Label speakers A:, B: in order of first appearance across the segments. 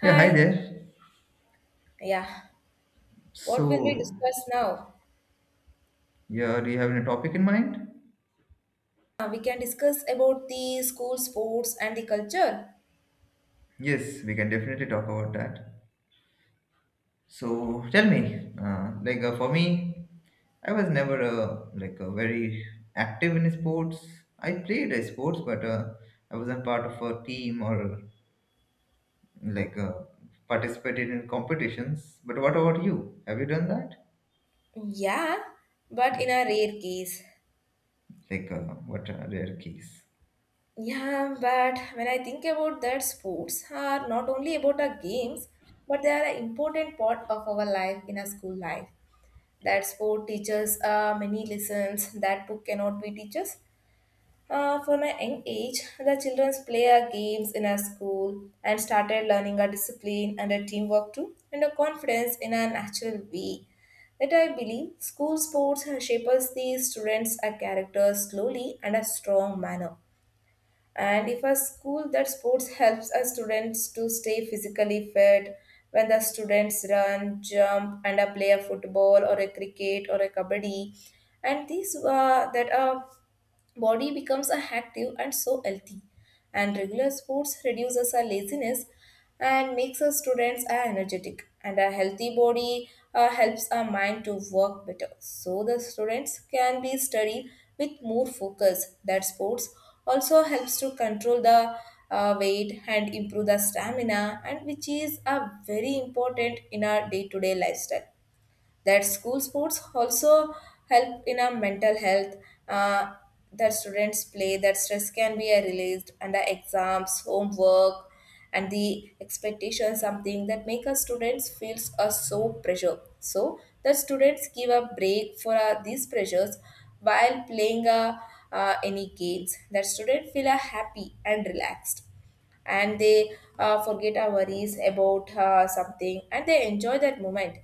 A: Yeah, hi
B: Hi.
A: there.
B: Yeah. What will we
A: So,
B: discuss now?
A: yeah, do you have any topic in mind?
B: We can discuss about the school sports and the culture.
A: Yes, we can definitely talk about that. So, tell me, for me, I was never very active in sports. I played sports, but I wasn't part of a team or like uh, participated in competitions. But what about you? Have you done that?
B: Yeah, but in a rare case.
A: Like, uh, what are their keys?
B: Yeah, but when I think about that, sports are not only about our games, but they are an important part of our life in a school life. That sport teaches many lessons that book cannot be teaches. For my young age, the children play our games in our school and started learning our discipline and our teamwork too, and our confidence in a natural way. That I believe school sports shapes the students' a character slowly and a strong manner. And if a school that sports helps our students to stay physically fit, when the students run, jump, and play a football or a cricket or a kabaddi, and these that are body becomes a active and so healthy, and regular sports reduces our laziness and makes our students are energetic and a healthy body helps our mind to work better, so the students can be study with more focus. That sports also helps to control the weight and improve the stamina and which is a very important in our day-to-day lifestyle. That school sports also help in our mental health, uh, that students play that stress can be released, and the exams, homework, and the expectation something that make us students feels so pressure, so the students give a break for these pressures while playing any games. That student feel happy and relaxed, and they forget our worries about something, and they enjoy that moment,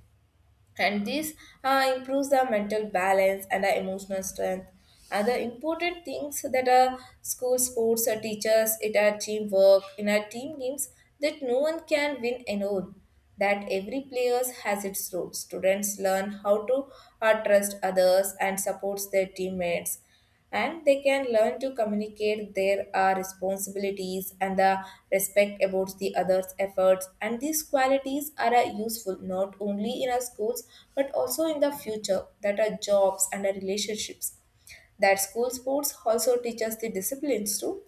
B: and this improves the mental balance and the emotional strength. Other important things that school sports teachers it are teamwork in our team games, that no one can win alone, that every player has its role. Students learn how to trust others and supports their teammates, and they can learn to communicate their responsibilities and the respect about the other's efforts, and these qualities are useful not only in our schools, but also in the future that are jobs and our relationships. That school sports also teach us the disciplines too,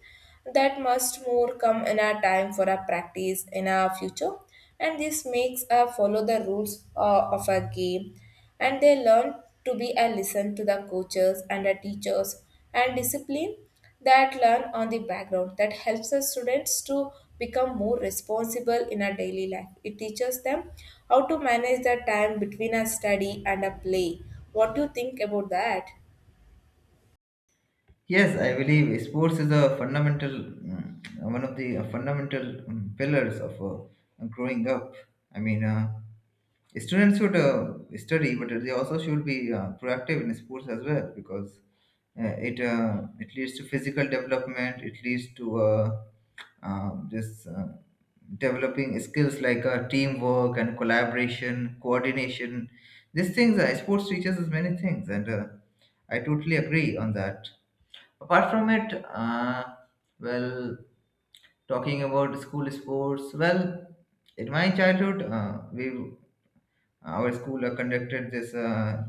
B: that must more come in our time for our practice in our future, and this makes us follow the rules of our game, and they learn to be and listen to the coaches and the teachers. And discipline that learn on the background that helps the students to become more responsible in our daily life. It teaches them how to manage the time between a study and a play. What do you think about that?
A: Yes, I believe sports is a fundamental, one of the fundamental pillars of growing up. I mean, students should study, but they also should be proactive in sports as well because it leads to physical development. It leads to just developing skills like teamwork and collaboration, coordination. These things, sports teaches us many things, and I totally agree on that. Apart from it uh, well talking about school sports, well, in my childhood, we our school conducted this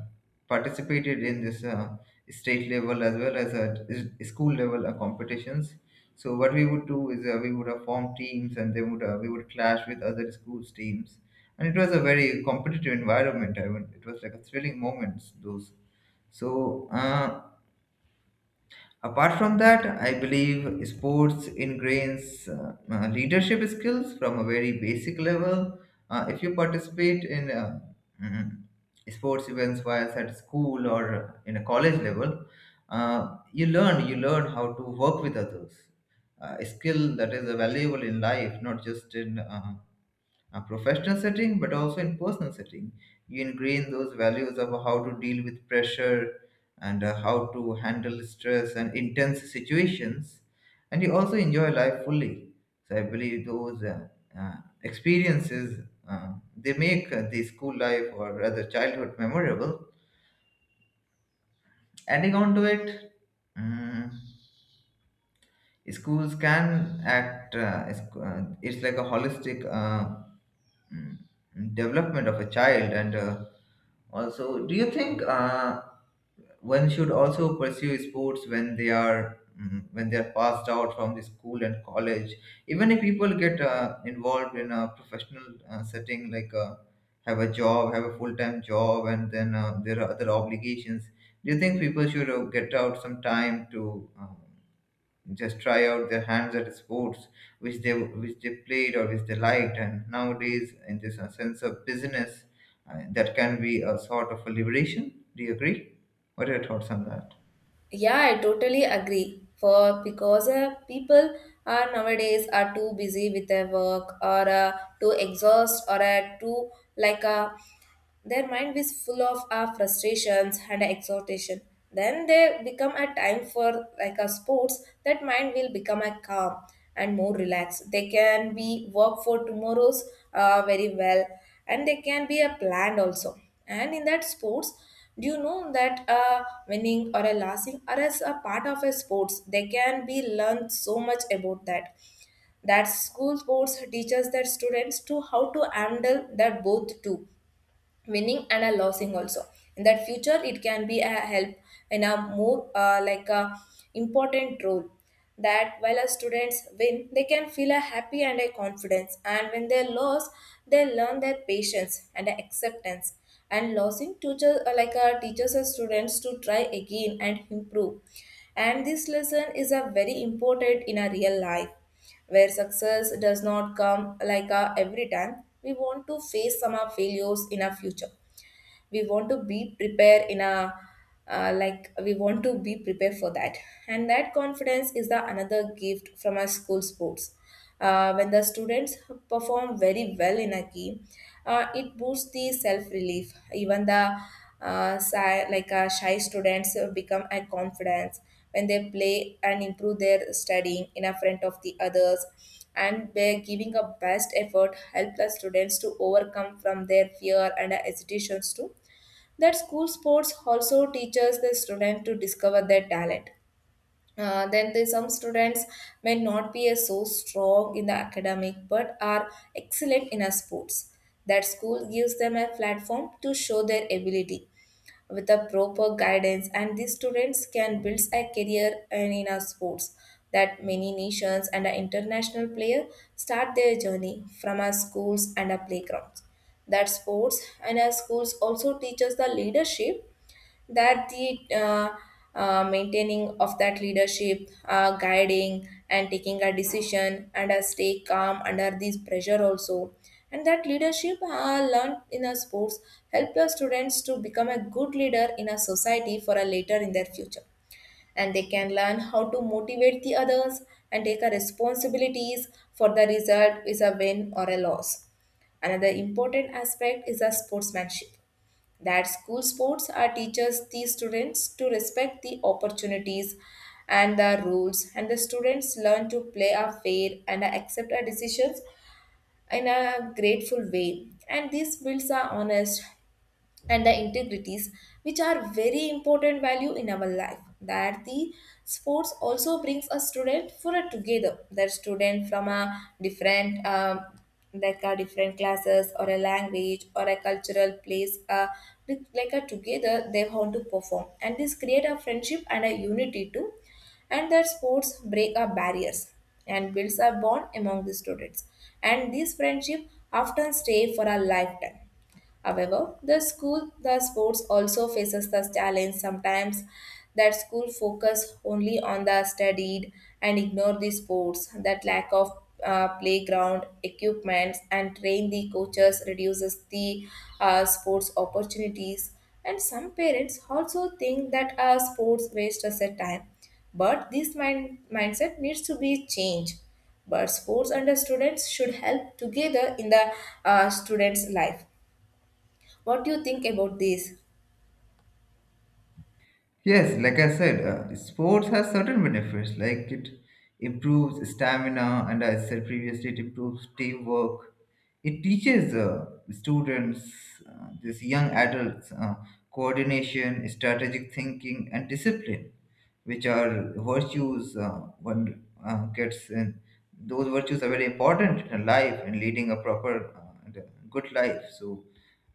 A: participated in this state level as well as at school level competitions. So what we would do is, we would form teams and they would we would clash with other schools' teams, and it was a very competitive environment. I mean, it was like a thrilling moments those. so uh, Apart from that, I believe sports ingrains leadership skills from a very basic level. If you participate in mm, sports events whilst at school or in a college level, you learn how to work with others. A skill that is valuable in life, not just in a professional setting, but also in personal setting. You ingrain those values of how to deal with pressure and how to handle stress and intense situations, and you also enjoy life fully. So I believe those uh, experiences, they make the school life, or rather childhood, memorable. Adding on to it, mm, schools can act, it's like a holistic Mm, development of a child. And also, do you think one should also pursue sports when they when they are passed out from the school and college, even if people get involved in a professional setting, like have a job, have a full-time job, and then there are other obligations? Do you think people should get out some time to just try out their hands at sports which they played or which they liked? And nowadays in this sense of business, that can be a sort of a liberation. Do you agree? What are your thoughts on that?
B: Yeah, I totally agree. For because people are nowadays are too busy with their work, or too exhaust, or too like their mind is full of frustrations and exhortation. Then they become a time for like a sports. That mind will become a calm and more relaxed. They can be work for tomorrow's very well, and they can be a planned also. And in that sports. Do you know that a winning or a losing are as a part of a sports? They can be learned so much about that. That school sports teaches their students to how to handle that both too, winning and a losing also. In that future it can be a help in a more like a important role, that while a students win they can feel a happy and a confidence, and when they lose they learn their patience and acceptance. And losing teachers like a teachers and students to try again and improve, and this lesson is a very important in a real life where success does not come like a every time. We want to face some of our failures in our future. We want to be prepared in a we want to be prepared for that. And that confidence is the another gift from our school sports. When the students perform very well in a game, it boosts the self relief. Even the shy students become a confidence when they play and improve their studying in a front of the others, and by giving a best effort help the students to overcome from their fear and hesitations to. That school sports also teaches the student to discover their talent. Then there's some students may not be as so strong in the academic but are excellent in a sports, that school gives them a platform to show their ability. With a proper guidance, and these students can build a career in, our sports, that many nations and our international player start their journey from our schools and our playgrounds. That sports and our schools also teach us the leadership, that the maintaining of that leadership, guiding and taking a decision and stay calm under this pressure also. And that leadership learned in a sports help the students to become a good leader in a society for a later in their future, and they can learn how to motivate the others and take a responsibilities for the result is a win or a loss. Another important aspect is a sportsmanship. That school sports are teaches the students to respect the opportunities and the rules, and the students learn to play a fair and accept our decisions in a grateful way. And this builds a honest and the integrities, which are very important value in our life. That the sports also brings a student for a together, that student from a different like a different classes or a language or a cultural place with- like a together they want to perform, and this create a friendship and a unity too. And that sports break up barriers and builds a bond among the students, and this friendship often stay for a lifetime. However, the school, the sports also faces the challenge sometimes, that school focus only on the studied and ignore the sports. That lack of playground equipments and train the coaches reduces the sports opportunities. And some parents also think that sports waste us a time, but this mindset needs to be changed. But sports and the students should help together in the students' life. What do you think about this?
A: Yes, like I said, sports has certain benefits. Like, it improves stamina, and as I said previously, it improves teamwork. It teaches students, these young adults, coordination, strategic thinking, and discipline, which are virtues one gets in. Those virtues are very important in life and leading a proper and a good life. So,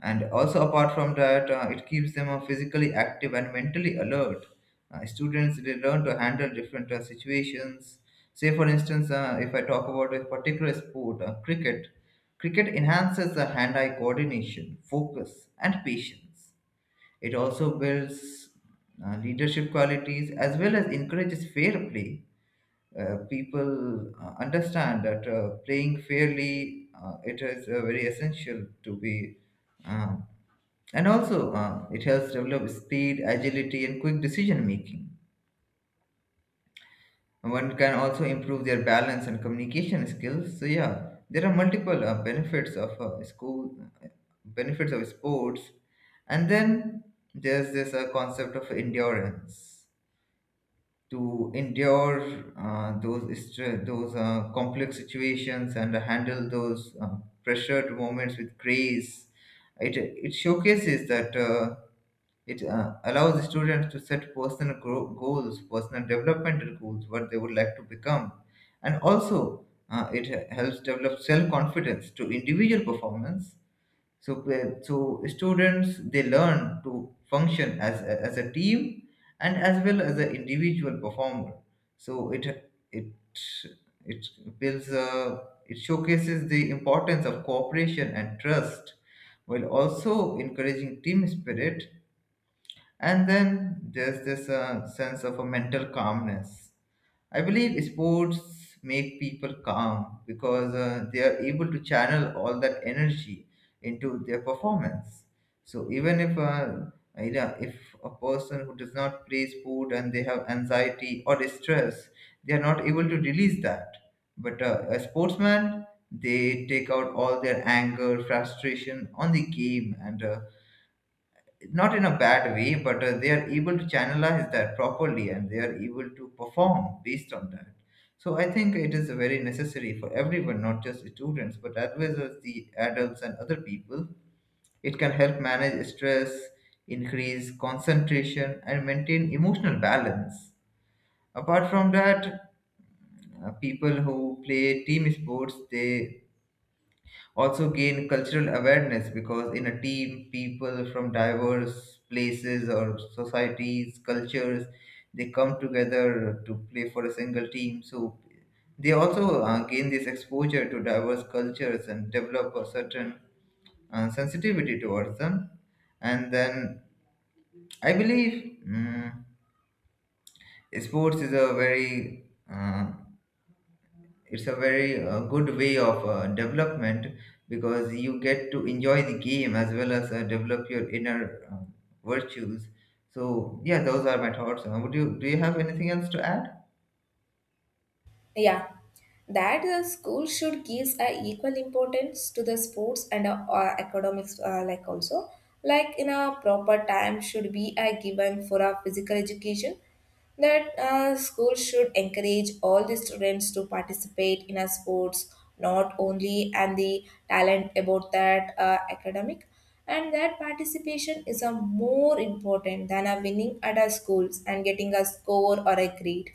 A: and also apart from that, it keeps them physically active and mentally alert. Students, they learn to handle different situations. Say, for instance, if I talk about a particular sport, cricket. Cricket enhances the hand-eye coordination, focus, and patience. It also builds leadership qualities as well as encourages fair play. People understand that playing fairly it is very essential to be, uh, and also it helps develop speed, agility, and quick decision making. One can also improve their balance and communication skills. So yeah, there are multiple benefits of uh, benefits of sports, and then there's this concept of endurance, to endure those complex situations and handle those pressured moments with grace. It showcases that it allows students to set goals, personal developmental goals, what they would like to become, and also it helps develop self confidence to individual performance. So so students, they learn to function as as a team, and as well as an individual performer. So it it it builds a it showcases the importance of cooperation and trust, while also encouraging team spirit. And then there's this sense of a mental calmness. I believe sports make people calm because they are able to channel all that energy into their performance. So even if if a person who does not play sport and they have anxiety or stress, they are not able to release that. But a sportsman, they take out all their anger, frustration on the game, and not in a bad way, but they are able to channelize that properly and they are able to perform based on that. So I think it is very necessary for everyone, not just students, but as well as the adults and other people. It can help manage stress, increase concentration, and maintain emotional balance. Apart from that, people who play team sports, they also gain cultural awareness because in a team, people from diverse places or societies, cultures, they come together to play for a single team. So they also gain this exposure to diverse cultures and develop a certain sensitivity towards them. And then I believe, mm sports is a very it's a very good way of development, because you get to enjoy the game as well as develop your inner virtues. So yeah, those are my thoughts. Would you Do you have anything else to add?
B: Yeah, that the school should gives a equal importance to the sports and academics also, like in a proper time should be a given for a physical education. That school should encourage all the students to participate in a sports, not only and the talent about that academic, and that participation is a more important than a winning at our schools and getting a score or a grade.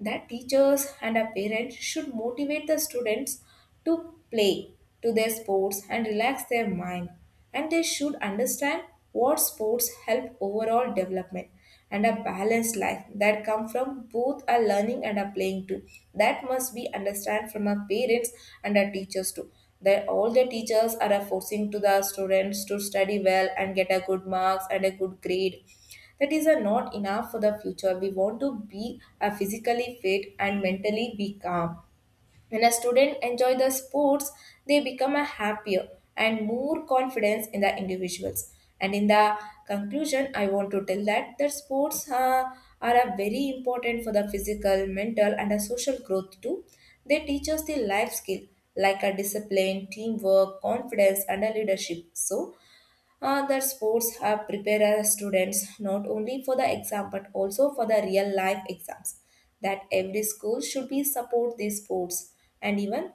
B: That teachers and our parents should motivate the students to play, to their sports and relax their mind, and they should understand what sports help overall development and a balanced life that come from both our learning and our playing too. That must be understand from our parents and our teachers too, that all the teachers are forcing to the students to study well and get a good marks and a good grade. That is are not enough for the future. We want to be physically fit and mentally be calm. When a student enjoy the sports, they become a happier and more confidence in the individuals. And in the conclusion, I want to tell that that sports are a very important for the physical, mental, and a social growth too. They teach us the life skill like a discipline, teamwork, confidence, and a leadership. So that sports have prepared our students not only for the exam but also for the real life exams, that every school should be support these sports, and even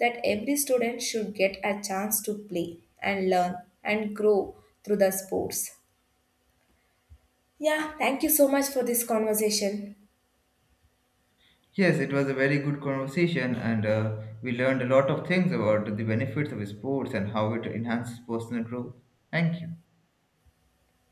B: that every student should get a chance to play and learn and grow through the sports. Yeah, thank you so much for this conversation.
A: Yes, it was a very good conversation, and we learned a lot of things about the benefits of sports and how it enhances personal growth. Thank you.